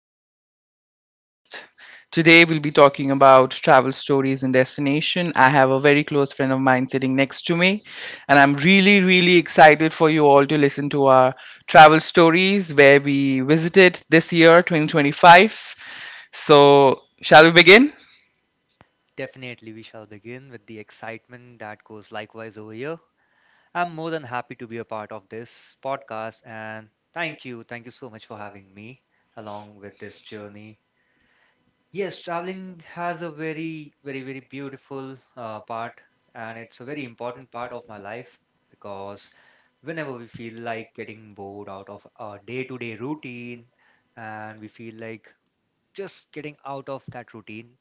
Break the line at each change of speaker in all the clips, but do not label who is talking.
my another podcast. Today we'll be talking about travel stories and destination. I have a very close friend of mine sitting next to me, and I'm really, really excited for you all to listen to our travel stories where we visited this year, 2025. So, shall we begin?
Definitely, we shall begin with the excitement that goes likewise over here. I'm more than happy to be a part of this podcast and thank you. Thank you so much for having me along with this journey. Yes, traveling has a very, very, very beautiful part, and it's a very important part of my life because whenever we feel like getting bored out of our day to day routine and we feel like just getting out of that routine,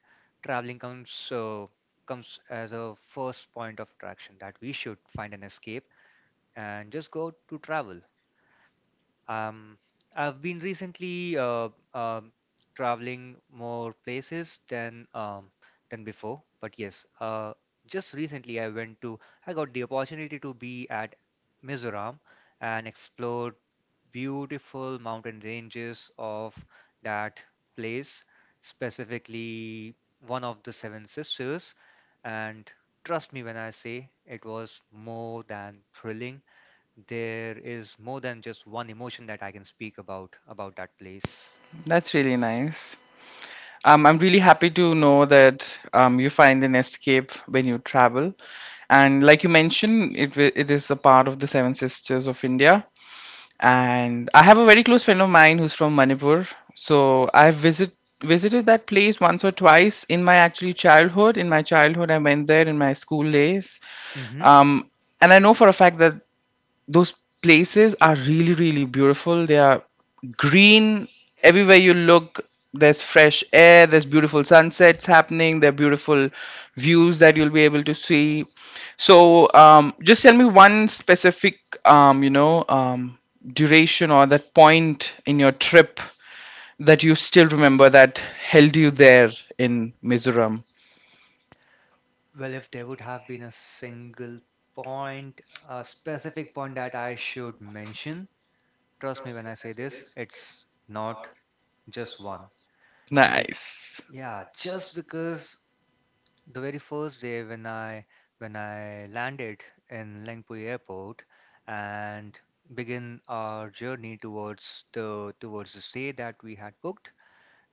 traveling comes as a first point of attraction that we should find an escape and just go to travel. Um, I've been recently traveling more places than before, but yes, just recently I got the opportunity to be at Mizoram and explored beautiful mountain ranges of that place, specifically one of the Seven Sisters, and trust me when I say it was more than thrilling. There is more than just one emotion that I can speak about that place.
That's really nice. I'm really happy to know that you find an escape when you travel. And like you mentioned, it is a part of the Seven Sisters of India. And I have a very close friend of mine who's from Manipur. So I've visited that place once or twice in my actually childhood. In my childhood, I went there in my school days,
Hmm.
um, and I know for a fact that those places are really, really beautiful. They are green everywhere you look. There's fresh air, there's beautiful sunsets happening, there are beautiful views that you'll be able to see. So just tell me one specific, um, you know um, duration or that point in your trip that you still remember, that held you there in Mizoram.
Well, if there would have been a single point, a specific point that I should mention, trust me when I say this, it's not just one. Be-
Nice.
yeah, just because the very first day when I landed in Lengpui Airport and begin our journey towards the stay that we had booked,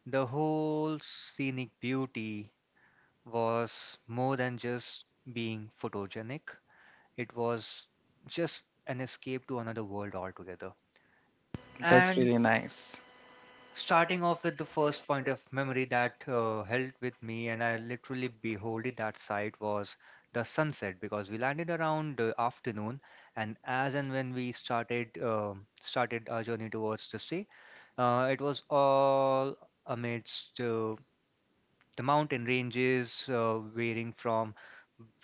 the whole scenic beauty was more than just being photogenic, it was just an escape to another world altogether.
That's
And
really nice.
starting off with the first point of memory that held with me, and I literally beholded that sight, was the sunset, because we landed around afternoon, and as and when we started started our journey towards the sea, it was all amidst the mountain ranges varying from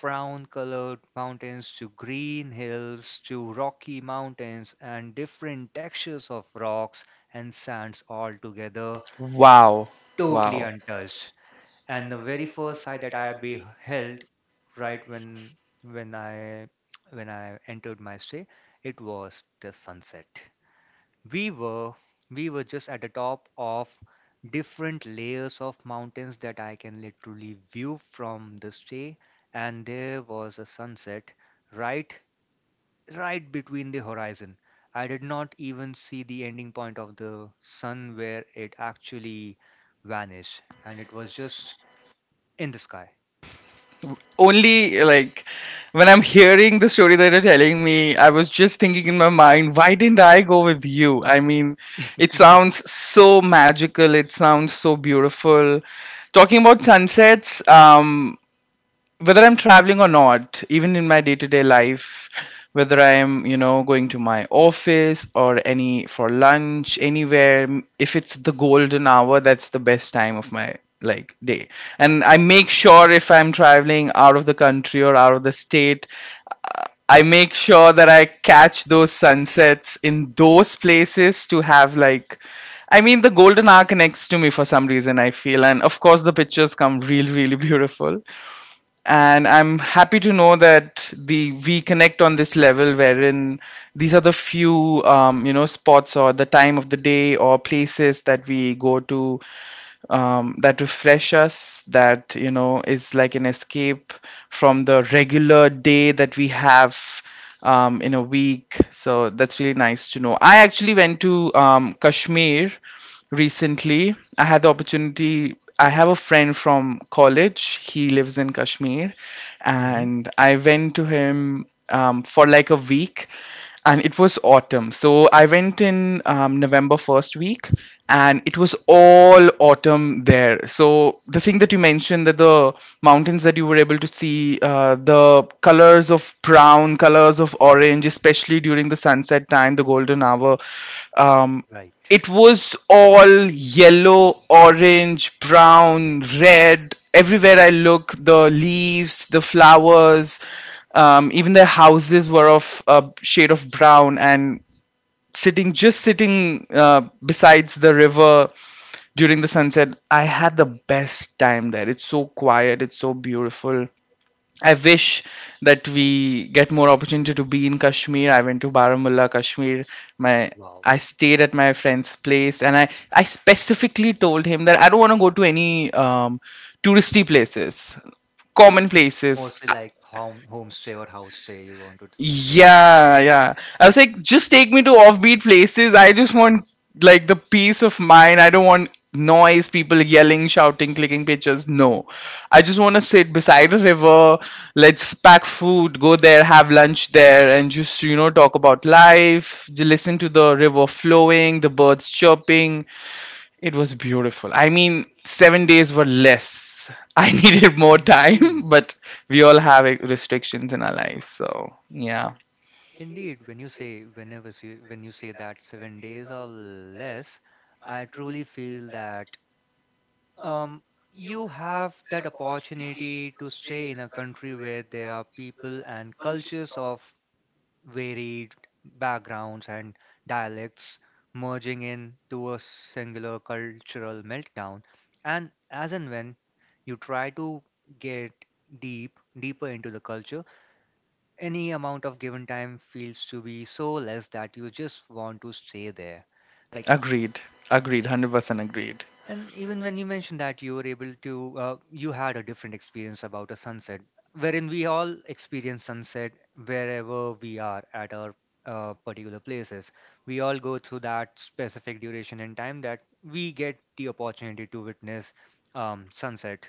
brown colored mountains to green hills to rocky mountains and different textures of rocks and sands all together,
Wow.
totally
Wow.
untouched. And the very first sight that I beheld right when when i when I entered my stay, it was the sunset. we were we were just at the top of different layers of mountains that I can literally view from the stay, and there was a sunset right right between the horizon. I did not even see the ending point of the sun where it actually vanished, and it was just in the sky.
Only like when I'm hearing the story that you're telling me, I was just thinking in my mind, why didn't I go with you? I mean, it sounds so magical, it sounds so beautiful. Talking about sunsets, whether I'm traveling or not, even in my day to day life, whether I'm, you know, going to my office or any for lunch, anywhere, if it's the golden hour, that's the best time of my like day. And I make sure if I'm traveling out of the country or out of the state, uh, I make sure that I catch those sunsets in those places to have like, I mean, the golden hour connects to me for some reason I feel, and of course the pictures come really, really beautiful. And I'm happy to know that the we connect on this level, wherein these are the few, you know, spots or the time of the day or places that we go to, that refresh us, that you know is like an escape from the regular day that we have in a week. So that's really nice to know. I actually went to Kashmir recently. I had the opportunity, I have a friend from college, he lives in Kashmir,
Hmm.
and I went to him for like a week. And it was autumn, so I went in november first week, and it was all autumn there. So the thing that you mentioned, that the mountains that you were able to see, the colors of brown, colors of orange, especially during the sunset time, the golden hour, um,
Right.
it was all yellow, orange, brown, red. Everywhere I look, the leaves, the flowers, even their houses were of a shade of brown. And sitting, just sitting besides the river during the sunset, I had the best time there. It's so quiet, it's so beautiful. I wish that we get more opportunity to be in Kashmir. I went to Baramulla, Kashmir. My,
Wow.
I stayed at my friend's place, and I specifically told him that I don't want to go to any touristy places, common places.
Mostly like homestay or house stay you wanted to say.
Yeah, yeah. I was like, just take me to offbeat places. I just want like the peace of mind. I don't want noise, people yelling, shouting, clicking pictures. No. I just want to sit beside a river. Let's pack food, go there, have lunch there, and just, you know, talk about life. Listen to the river flowing, the birds chirping. It was beautiful. I mean, 7 days were less. I needed more time,
Indeed.
but we all have like, restrictions in our lives. So, yeah.
Indeed, when you say when you say that 7 days or less, I truly feel that um, you have that opportunity to stay in a country where there are people and cultures of varied backgrounds and dialects merging into a singular cultural meltdown. And as and when you try to get deeper into the culture, any amount of given time feels to be so less that you just want to stay there like.
Agreed. Agreed. 100% agreed.
And even when you mentioned that you were able to you had a different experience about a sunset, wherein we all experience sunset wherever we are at our particular places, we all go through that specific duration and time that we get the opportunity to witness sunset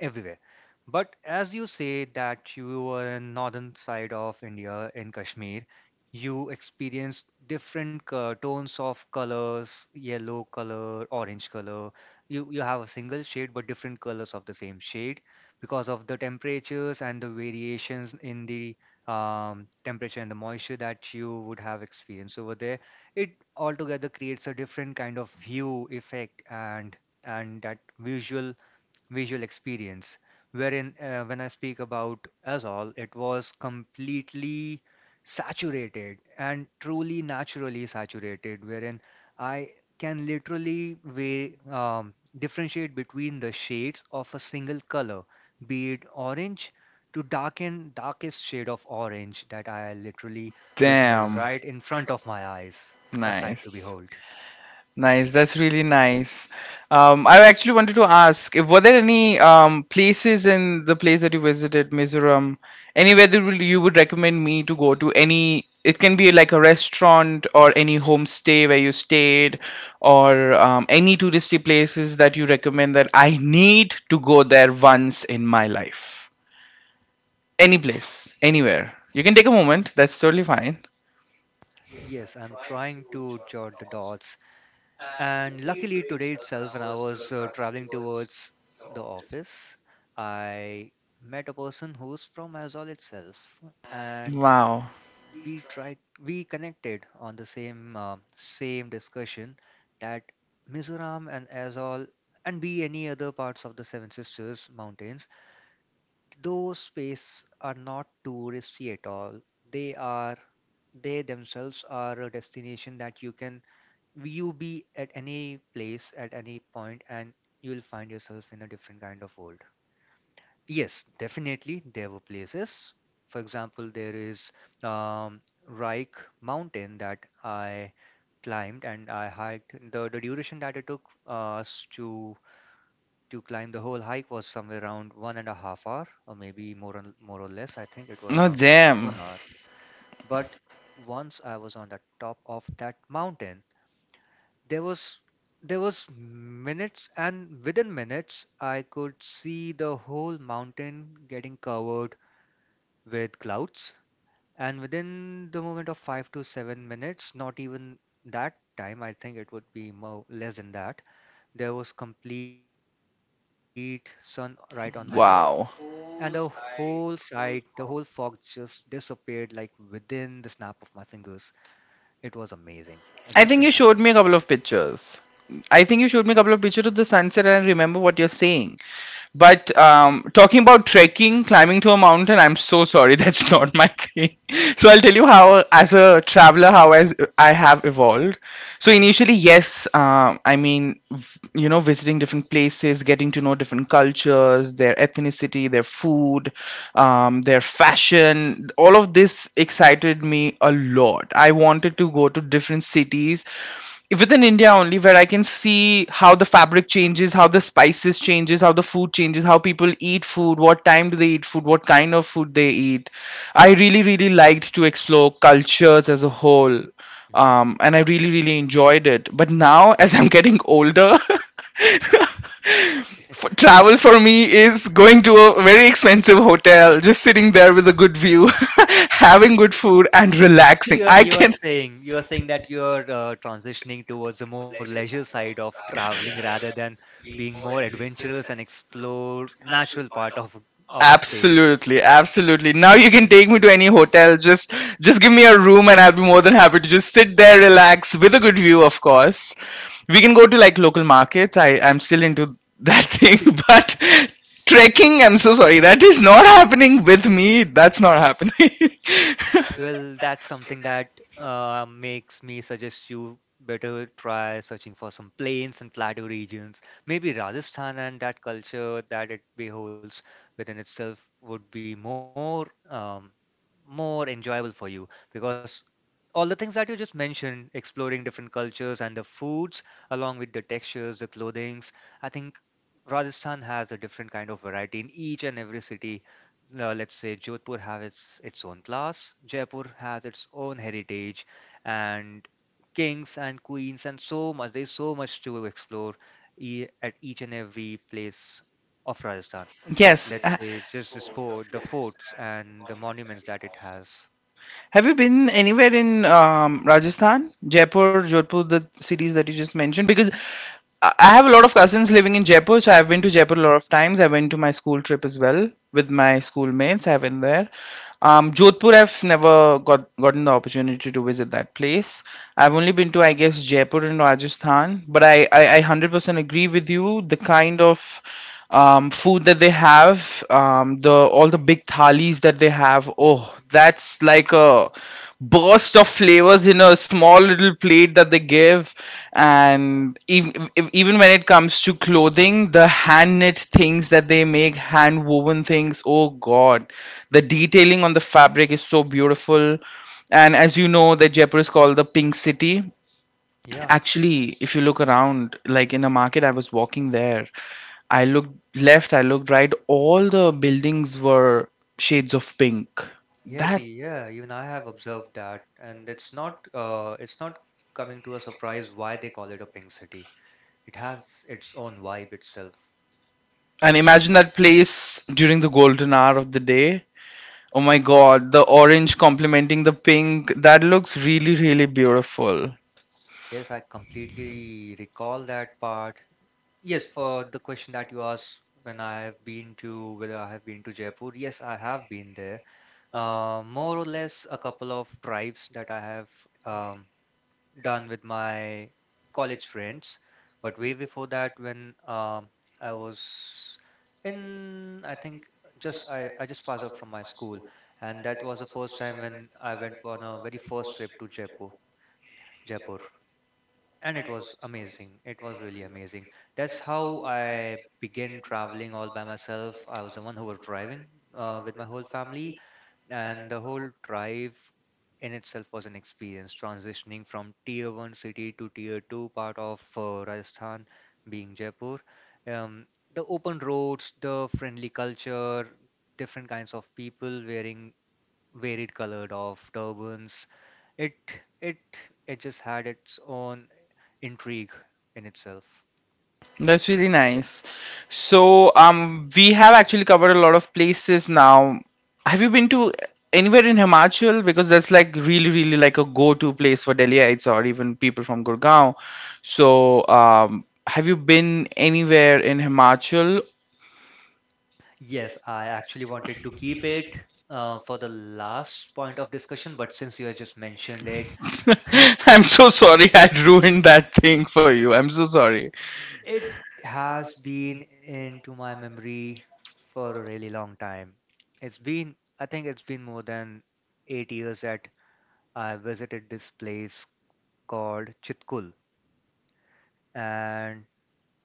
everywhere. But as you say that you were in northern side of India in Kashmir, you experienced different tones of colors, yellow color, orange color. You have a single shade but different colors of the same shade because of the temperatures and the variations in the temperature and the moisture that you would have experienced over there. It altogether creates a different kind of view effect, and that visual experience, wherein when I speak about Azol, it was completely saturated and truly naturally saturated, wherein I can literally differentiate between the shades of a single color, be it orange to darken darkest shade of orange that I literally witnessed
Damn.
right in front of my eyes, a sight to
Nice.
behold.
Nice. That's really nice. I actually wanted to ask, were there any places in the place that you visited, Mizoram, anywhere that you would recommend me to go to? Any, it can be like a restaurant or any homestay where you stayed, or any touristy places that you recommend that I need to go there once in my life. Any place, anywhere. You can take a moment. That's totally fine.
Yes, I'm trying to jot the dots. And luckily today itself, when I was traveling towards the office, I met a person who's from Azol itself, and
Wow.
we tried we connected on the same discussion that Mizoram and Azol and be any other parts of the Seven Sisters mountains, those space are not touristy at all. They are they themselves are a destination that you can you be at any place at any point, and you'll find yourself in a different kind of world. Yes, definitely there were places. For example, there is um, reich mountain that I climbed and I hiked. The duration that it took us to climb the whole hike was somewhere around one and a half hour, or maybe more or less, I think it was
No,
around
damn.
1 hour. But once I was on the top of that mountain, there was minutes, and within minutes I could see the whole mountain getting covered with clouds. And within the moment of 5 to 7 minutes, not even that time, I think it would be more less than that, there was complete sun right on my head, and the
Wow.
whole side, the whole fog just disappeared like within the snap of my fingers. It was amazing, a
I think
different
you
kind of.
showed me a couple of pictures. I think you showed me a couple of pictures of the sunset and I remember what you're saying. But talking about trekking, climbing to a mountain, I'm so sorry, that's not my thing. So I'll tell you how, as a traveler, how as I have evolved. So
Mhm,
initially, yes, I mean, you know, visiting different places, getting to know different cultures, their ethnicity, their food, their fashion, all of this excited me a lot. I wanted to go to different cities within India only where I can see how the fabric changes, how the spices changes, how the food changes, how people eat food, what time do they eat food, what kind of food they eat. I really, really liked to explore cultures as a whole.
mhm.
And I really, really enjoyed it. But now as I'm getting older travel for me is going to a very expensive hotel, just sitting there with a good view, having good food, and
So
relaxing. I
you are
can.
saying that you are transitioning towards a more leisure side of traveling rather than being more adventurous and explore natural part of a space.
Absolutely, absolutely. Now you can take me to any hotel. Just give me a room and I'll be more than happy to just sit there, relax with a good view, of course. We can go to like local markets. I'm still into that thing, but trekking, I'm so sorry. That is not happening with me. That's not happening.
Well, that's something that makes me suggest you better try searching for some plains and plateau regions. Maybe Rajasthan and that culture that it beholds within itself would be more enjoyable for you, because all the things that you just mentioned, exploring different cultures and the foods, along with the textures, the clothings, I think Rajasthan has a different kind of variety in each and every city. Let's say Jodhpur has its own class, Jaipur has its own heritage, and kings and queens, and so much. There's so much to explore e at each and every place of Rajasthan.
Yes.
Let's say just the sport, the forts, and the monuments that it has.
Have you been anywhere in Rajasthan, Jaipur, Jodhpur, the cities that you just mentioned? Because I have a lot of cousins living in Jaipur, so I've been to Jaipur a lot of times. I went to my school trip as well with my schoolmates. I've been there. Jodhpur, I've never gotten the opportunity to visit that place. I've only been to, I guess, Jaipur and Rajasthan. But I 100% agree with you. The kind of food that they have, the all the big thalis that they have. Oh, that's like a burst of flavors in a small little plate that they give. And even when it comes to clothing, the hand knit things that they make, hand woven things. Oh God, the detailing on the fabric is so beautiful. And as you know, that Jaipur is called the Pink City,
Yeah.
actually, if you look around, like in a market, I was walking there. I looked left, I looked right, all the buildings were shades of pink.
Yes,
That,
yeah, even I have observed that, and it's not coming to a surprise why they call it a pink city. It has its own vibe itself.
and imagine that place during the golden hour of the day. Oh my god, the orange complementing the pink. That looks really, really beautiful.
Yes, I completely recall that part. Yes, for the question that you asked when I have been to whether I have been to Jaipur, yes, I have been there. More or less a couple of drives that I have um, done with my college friends. But way before that, when I was in, I think I just passed out from my school, and that was the first time when I went on a very first trip to Jaipur. Jaipur and it was amazing, it was really amazing. That's how I began traveling all by myself. I was the one who was driving with my whole family, and the whole drive in itself was an experience transitioning from tier 1 city to tier 2 part of Rajasthan, being Jaipur. um, the open roads, the friendly culture, different kinds of people wearing varied colored of turbans. It it it just had its own intrigue in itself.
That's really nice. So, we have actually covered a lot of places now. Have you been to anywhere in Himachal? Because that's like really, really like a go-to place for Delhiites or even people from Gurgaon. So, have you been anywhere in Himachal?
Yes, I actually wanted to keep it for the last point of discussion, but since you have just mentioned it,
I'm so sorry, I ruined that thing for you. I'm so sorry.
it has been into my memory for a really long time. It's been, I think it's been more than 8 years that I visited this place called Chitkul. And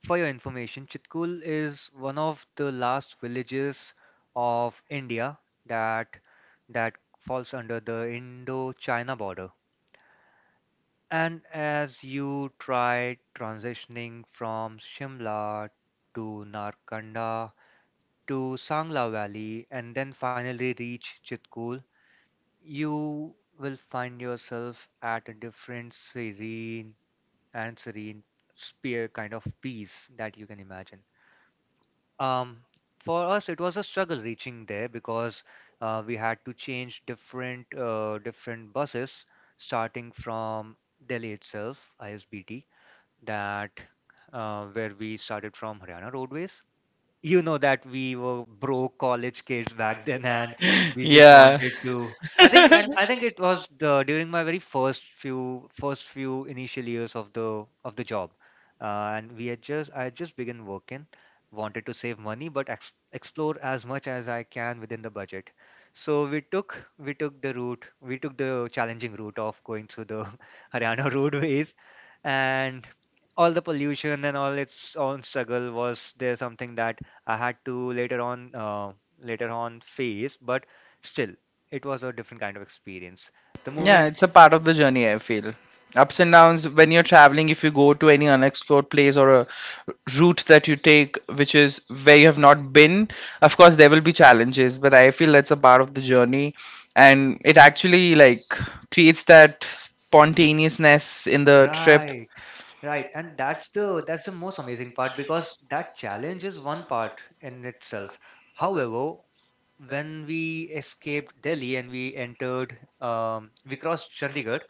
for your information, Chitkul is one of the last villages of India that that falls under the Indo-China border. And as you try transitioning from Shimla to Narkanda to Sangla Valley and then finally reach Chitkul, you will find yourself at a different serene sphere kind of peace that you can imagine. Um, for us, it was a struggle reaching there because we had to change different different buses starting from Delhi itself, ISBT, that where we started from Haryana Roadways. You know that we were broke college kids back then, and we just
Yeah.
wanted to. I think it was during my very first few initial years of the job. And we had just I had just begun working, wanted to save money but explore as much as I can within the budget. So we took the challenging route of going through the Haryana Roadways, and all the pollution and all its own struggle was there, something that I had to later on face. But still, it was a different kind of experience. The
Yeah,
moment.
it's a part of the journey, I feel. Ups and downs when you're traveling, if you go to any unexplored place or a route that you take, which is where you have not been, of course, there will be challenges, but I feel that's a part of the journey and it actually like creates that spontaneousness in the trip.
Right, right, and that's the most amazing part, because that challenge is one part in itself. However, when we escaped Delhi and we entered, we crossed Chandigarh.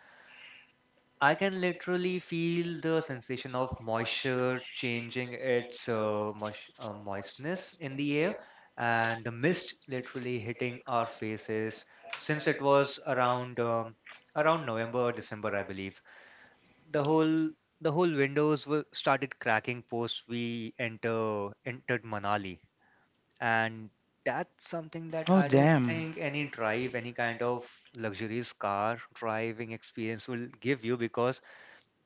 I can literally feel the sensation of moisture changing its moistness in the air and the mist literally hitting our faces, since it was around around November, December, I believe. The whole the whole windows were started cracking post we entered Manali, and that's something that
Oh
I don't
damn.
think any drive, any kind of luxurious car driving experience will give you, because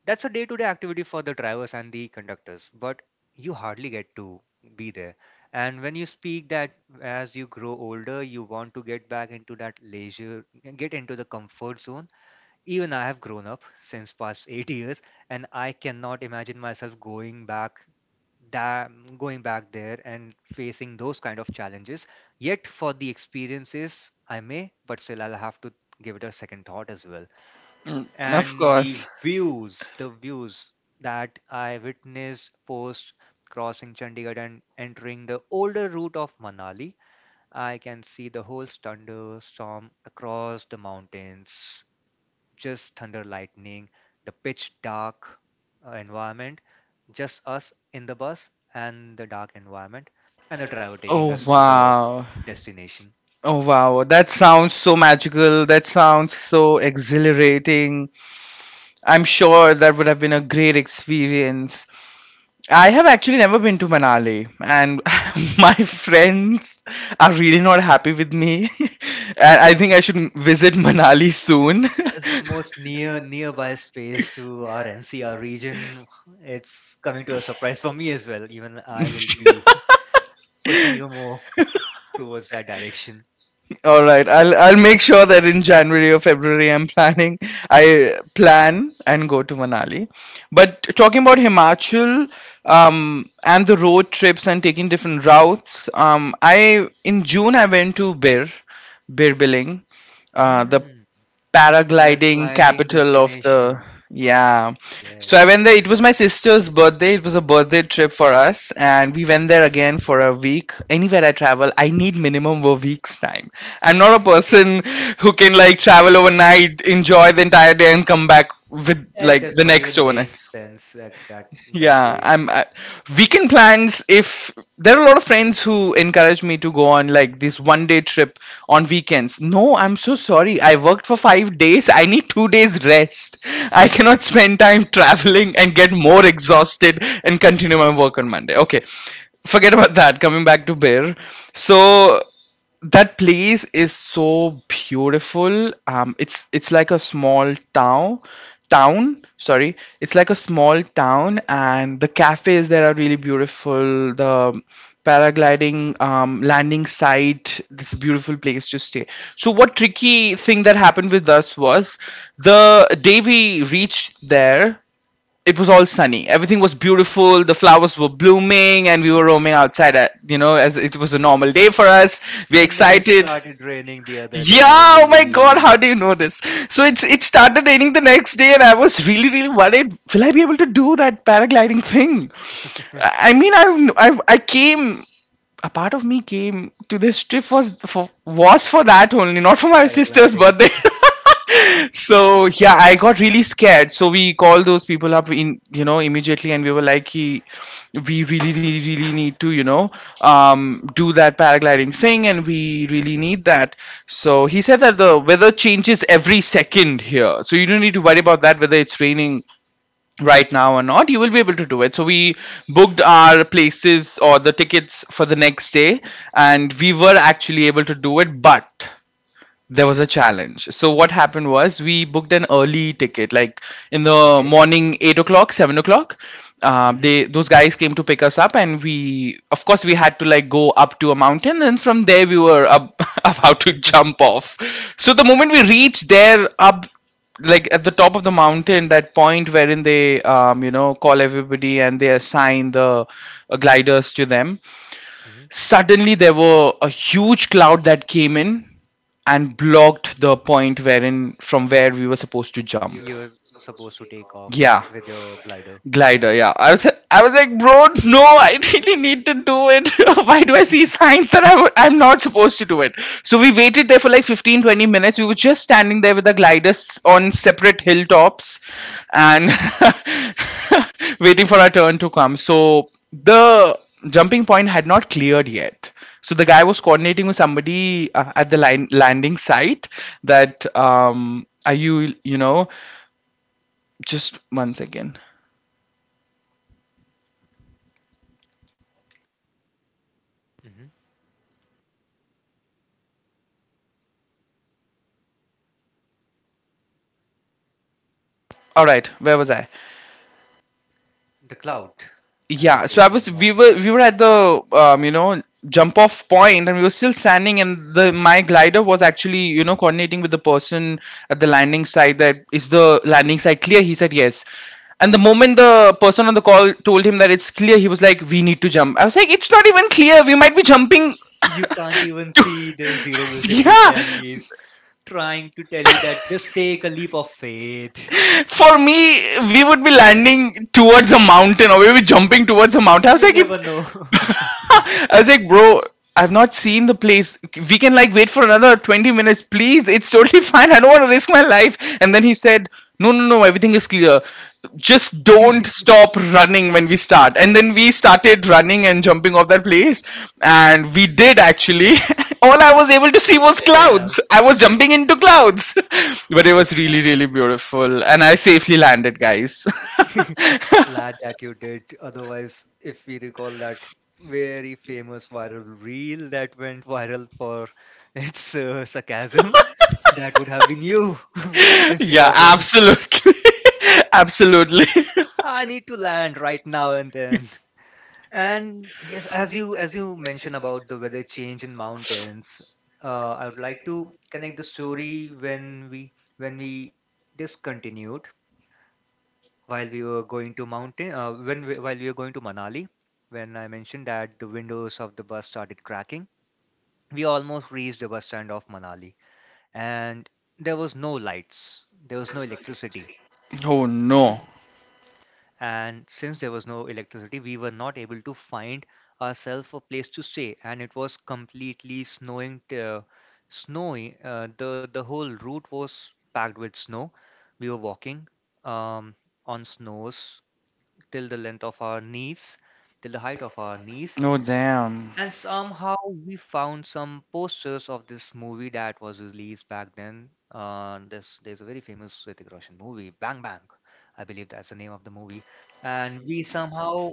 that's a day-to-day activity for the drivers and the conductors. But you hardly get to be there. And when you speak that, as you grow older you want to get back into that leisure, get into the comfort zone. Even I have grown up since past 8 years, and I cannot imagine myself going back, that, going back there and facing those kind of challenges. Yet for the experiences I may, but still I'll have to give it a second thought as well.
Mm, of
And the
course.
views the views that I witnessed post crossing Chandigarh and entering the older route of Manali, I can see the whole thunderstorm across the mountains, just thunder lightning, the pitch dark environment, just us in the bus and the dark environment, and the driver taking
Oh
us to the
wow.
destination.
Oh wow, that sounds so magical, that sounds so exhilarating. I'm sure that would have been a great experience. I have actually never been to Manali, and my friends are really not happy with me. And I think I should visit Manali soon.
That's the most nearby space to our NCR region. It's coming to a surprise for me as well. Even I will be pushing you more towards that direction.
All right, I'll make sure that in January or February I'm planning, I plan and go to Manali. But talking about Himachal, and the road trips and taking different routes, I in June I went to Bir, Bir Biling, the
Hmm.
paragliding
Paragliding
capital of the,
destination.
yeah.
Yes.
So I went there. It was my sister's birthday. It was a birthday trip for us, and we went there again for a week. Anywhere I travel, I need minimum a week's time. I'm not a person who can like travel overnight, enjoy the entire day and come back with
Yeah, it
like
does
the
not
next
even
overnight.
make sense at that
yeah
way.
i'm I, weekend plans, if there are a lot of friends who encourage me to go on like this 1 day trip on weekends. No, I'm so sorry, I worked for 5 days, I need 2 days rest. I cannot spend time traveling and get more exhausted and continue my work on Monday. Okay, forget about that. Coming back to Bear, so that place is so beautiful. It's like a small town town, sorry, it's like a small town, and the cafes there are really beautiful, the paragliding, landing site. It's a beautiful place to stay. So what tricky thing that happened with us was the day we reached there, it was all sunny. Everything was beautiful. The flowers were blooming, and we were roaming outside. As it was a normal day for us. We're
And then it
excited.
started raining the other day, I
Yeah, oh my god,
believe.
how do you know this? It started raining the next day, and I was really really worried. Will I be able to do that paragliding thing? I I mean, I I came, a part of me came to this trip was for that only, not for my sister's
Paragliding.
birthday. So yeah, I got really scared. So we called those people up in you know immediately, and we were like, "Ki, we really, really, really need to do that paragliding thing, and we really need that. So he said that the weather changes every second here, so you don't need to worry about that, whether it's raining right now or not, you will be able to do it. So we booked our places or the tickets for the next day, and we were actually able to do it. But there was a challenge. So what happened was we booked an early ticket, like in the
Okay.
morning, 8 o'clock, 7 o'clock.
Hmm.
They, those guys came to pick us up, and we, of course, we had to like go up to a mountain, and from there we were up, about to jump off. So the moment we reached there, up like at the top of the mountain, that point wherein they, call everybody and they assign the, gliders to them.
Hmm.
Suddenly, there were a huge cloud that came in and blocked the point wherein from where we were supposed to
You
jump.
were supposed to take off
Yeah.
with your glider.
Glider, yeah. I was like, bro, no, I really need to do it. Why do I see signs that I'm not supposed to do it? So we waited there for like 15, 20 minutes. We were just standing there with the gliders on separate hilltops and waiting for our turn to come. So the jumping point had not cleared yet. So the guy was coordinating with somebody, at the landing site, that, are you, you know just once again.
Mm-hmm.
All right, where was I?
The cloud and the
Yeah, so I
taking
was
off.
we were at the, jump off point, and we were still standing, and the my glider was actually, coordinating with the person at the landing site, that is the landing site clear. He said yes, and the moment the person on the call told him that it's clear, he was like, we need to jump. I was like, it's not even clear, we might be jumping.
You can't even see,
to-
there's zero visibility, and
yeah,
he's trying to tell you that just take a leap of faith.
for me, we would be landing towards a mountain, or we would be jumping towards a mountain. I was
You
like it
never know.
I was like, bro, I've not seen the place. We can like wait for another 20 minutes, please. It's totally fine. I don't want to risk my life. And then he said, no, no, no, everything is clear. Just don't stop running when we start. And then we started running and jumping off that place. And we did actually. All I was able to see was
Damn.
clouds. I was jumping into clouds. But it was really, really beautiful. And I safely landed, guys.
Glad that you did. Otherwise, if we recall that very famous viral reel that went viral for its sarcasm, that would have been you instead
Yeah,
of him.
absolutely. Absolutely.
I need to land right now and then. And yes, as you mentioned about the weather change in mountains, I would like to connect the story when we discontinued while we were going to mountain while we were going to Manali, when I mentioned that the windows of the bus started cracking. We almost reached the bus stand of Manali, and there was no lights, there was no electricity.
Oh no.
And since there was no electricity, we were not able to find ourselves a place to stay. And it was completely snowing snowy, the whole route was packed with snow. We were walking, um, on snows till the length of our knees, till the height of our knees.
No damn.
And somehow we found some posters of this movie that was released back then. This There's a very famous Hrithik Roshan movie, Bang Bang. I believe that's the name of the movie. And we somehow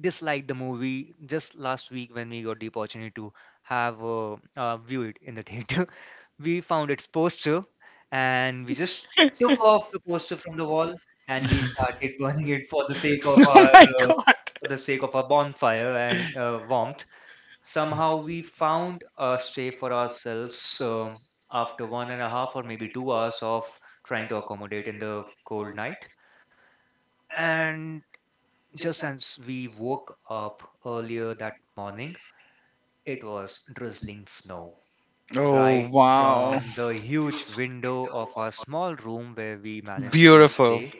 disliked the movie just last week when we got the opportunity to have view it in the theater. We found its poster, and we just took off the poster from the wall, and we started
Oh
burning it for the sake of our
my
uh,
god.
bonfire and warmth. Somehow we found a stay for ourselves, after one and a half or maybe 2 hours of trying to accommodate in the cold night. And just as we woke up earlier that morning, it was drizzling snow
Oh
right
wow.
from the huge window of our small room where we managed to
Beautiful.
stay.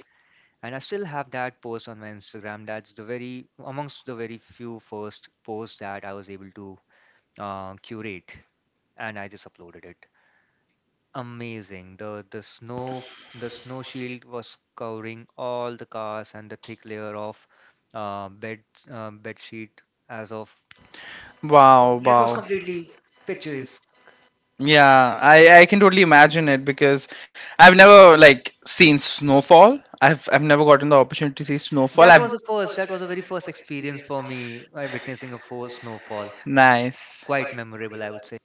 And I still have that post on my Instagram. That's the very amongst the very few first posts that I was able to curate, and I just uploaded it. Amazing. The snow shield was covering all the cars, and the thick layer of uh, bed bed sheet as of, no,
Wow,
it was
wow.
completely picturesque.
Yeah, I can totally imagine it because I've never like seen snowfall. I've never gotten the opportunity to see
That
snowfall.
was the
I've,
first. That was a very first experience for me, witnessing a full snowfall.
nice.
Quite memorable, I would say.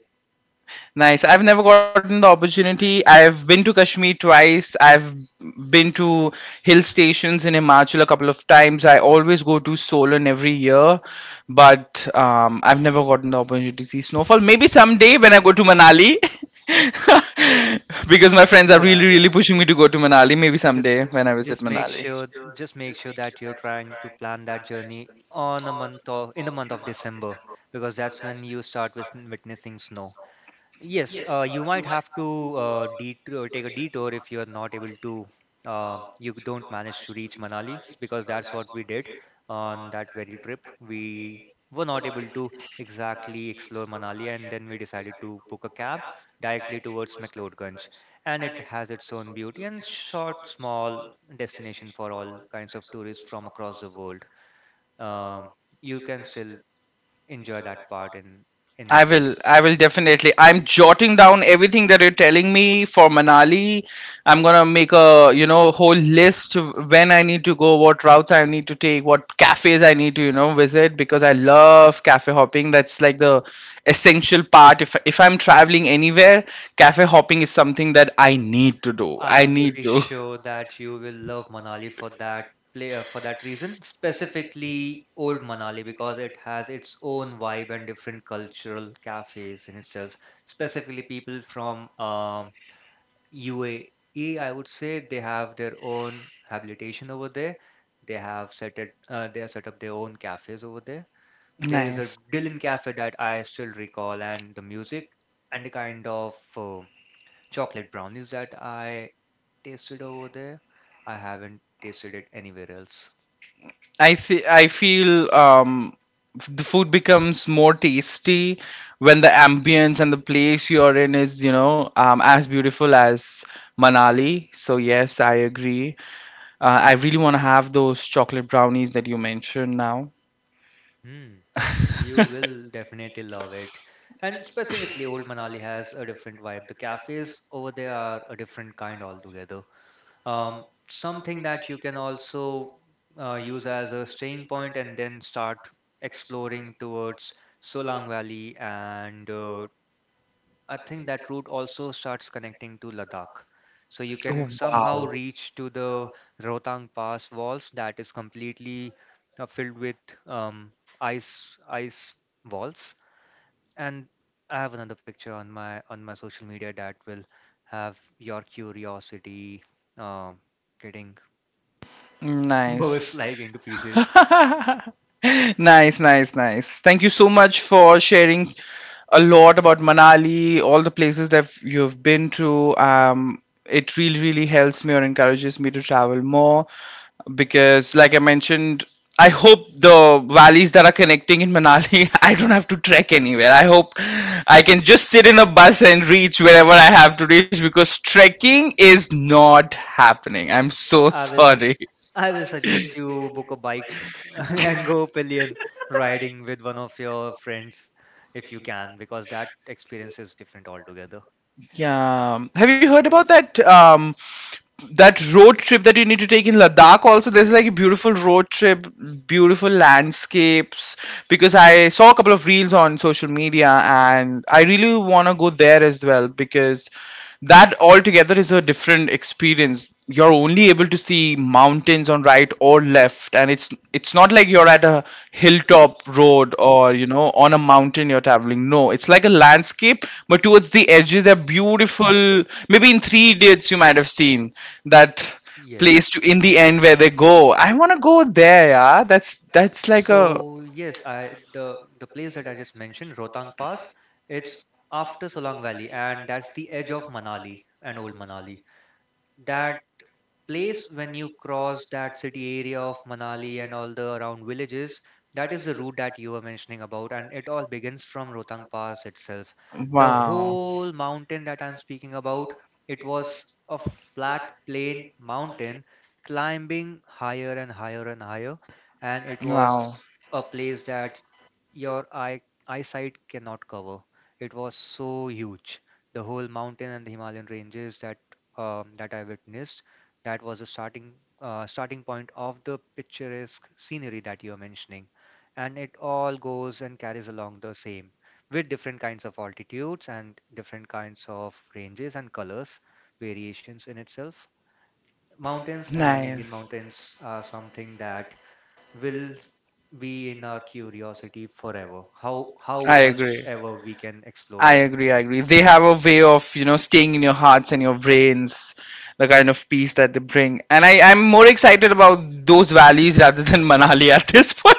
Nice. I've never gotten the opportunity. I've been to Kashmir twice. I've been to hill stations in Himachal a couple of times. I always go to Solan every year, but I've never gotten the opportunity to see snowfall. Maybe someday when I go to Manali, because my friends are really,
Yeah.
really pushing me to go to Manali. Maybe
just
someday when I visit
just make
Manali.
sure just make sure that you're trying to plan that journey on a month or in the month of December, because that's when you start with witnessing snow. Yes, you might have to detour, take a detour if you are not able to, you don't manage to reach Manali because that's what we did on that very trip. We were not able to exactly explore Manali, and then we decided to book a cab directly towards McLeodganj. And it has its own beauty and short, small destination for all kinds of tourists from across the world. Um, you can still enjoy that part in
I
winter.
will. Peace. I will definitely. I'm jotting down everything that you're telling me for Manali. I'm gonna make a whole list of when I need to go, what routes I need to take, what cafes I need to visit, because I love cafe hopping. That's like the essential part. If I'm traveling anywhere, cafe hopping is something that I need to do. I
I'm
I'm need
pretty
to.
sure that you will love Manali for that reason, specifically Old Manali, because it has its own vibe and different cultural cafes in itself. Specifically, people from UAE, I would say, they have their own habilitation over there. They have set it, they have set up their own cafes over there.
There's a,
There's a
nice. A,
Dylan cafe that I still recall, and the music and the kind of chocolate brownies that I tasted over there, I haven't tasted it anywhere else.
I feel, I feel, the food becomes more tasty when the ambience and the place you're in is, as beautiful as Manali. So yes, I agree. I really want to have those chocolate brownies that you mentioned now.
Hmm. You will definitely love it. And specifically, Old Manali has a different vibe. The cafes over there are a different kind altogether. Something that you can also use as a staying point and then start exploring towards Solang Valley, and I think that route also starts connecting to Ladakh. So you can somehow
Wow.
reach to the Rohtang Pass walls, that is completely filled with um, ice walls. And I have another picture on my social media that will have your curiosity uh, getting burst
Nice.
like into pieces.
Nice, nice, nice. Thank you so much for sharing a lot about Manali, all the places that you've been to. It really, really helps me or encourages me to travel more, because, like I mentioned, I hope the valleys that are connecting in Manali, I don't have to trek anywhere. I hope I can just sit in a bus and reach wherever I have to reach, because trekking is not happening. I'm so
I will
sorry.
I will suggest you book a bike and go pillion riding with one of your friends, if you can, because that experience is different altogether.
Yeah. Have you heard about that road trip that you need to take in Ladakh also? There's like a beautiful road trip, beautiful landscapes, because I saw a couple of reels on social media and I really want to go there as well because that altogether is a different experience. You're only able to see mountains on right or left, and it's not like you're at a hilltop road or on a mountain you're traveling. No, it's like a landscape, but towards the edges they're beautiful. Maybe in Three Idiots you might have seen that place
Yes.
to in the end where they go. I want to go there, yeah. That's like a,
So yes, I, the place that I just mentioned, Rotang Pass, it's after Solang Valley, and that's the edge of Manali and Old Manali. That place, when you cross that city area of Manali and all the around villages, that is the route that you were mentioning about, and it all begins from Rotang Pass itself. The
wow.
whole mountain that I'm speaking about, it was a flat plain mountain, climbing higher and higher and higher, and it was
Wow.
a place that your eyesight cannot cover. It was so huge. The whole mountain and the Himalayan ranges that that I witnessed, that was the starting starting point of the picturesque scenery that you're mentioning, and it all goes and carries along the same, with different kinds of altitudes and different kinds of ranges and colors variations in itself. Mountains and Indian
Nice.
mountains are something that will be in our curiosity forever, how
I
much
agree.
ever we can explore
I
it.
agree. I agree. They have a way of, you know, staying in your hearts and your brains, the kind of peace that they bring. And I, I'm more excited about those valleys rather than Manali at this point.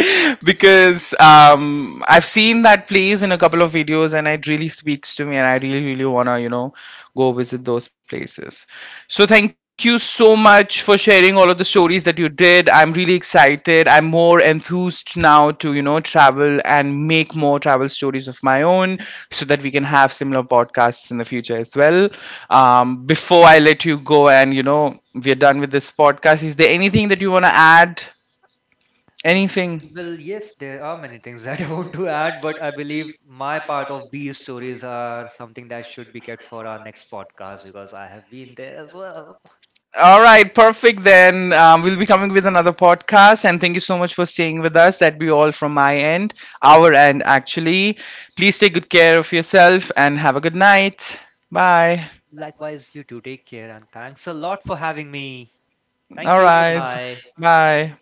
Because I've seen that place in a couple of videos and it really speaks to me and I really really wanna go visit those places. So thank you so much for sharing all of the stories that you did. I'm really excited. I'm more enthused now to travel and make more travel stories of my own, so that we can have similar podcasts in the future as well. Before I let you go and we're done with this podcast, is there anything that you wanna add?
W-
Anything?
Well, yes, there are many things that I want to add, but I believe my part of these stories are something that should be kept for our next podcast, because I have been there as well.
All right, perfect. Then we'll be coming with another podcast. And thank you so much for staying with us. That'd be all from my end, our end, actually. Please take good care of yourself and have a good night. Bye.
Likewise, you too. Take care and thanks a lot for having me. Thank
All
you. Bye
right.
bye.
Bye.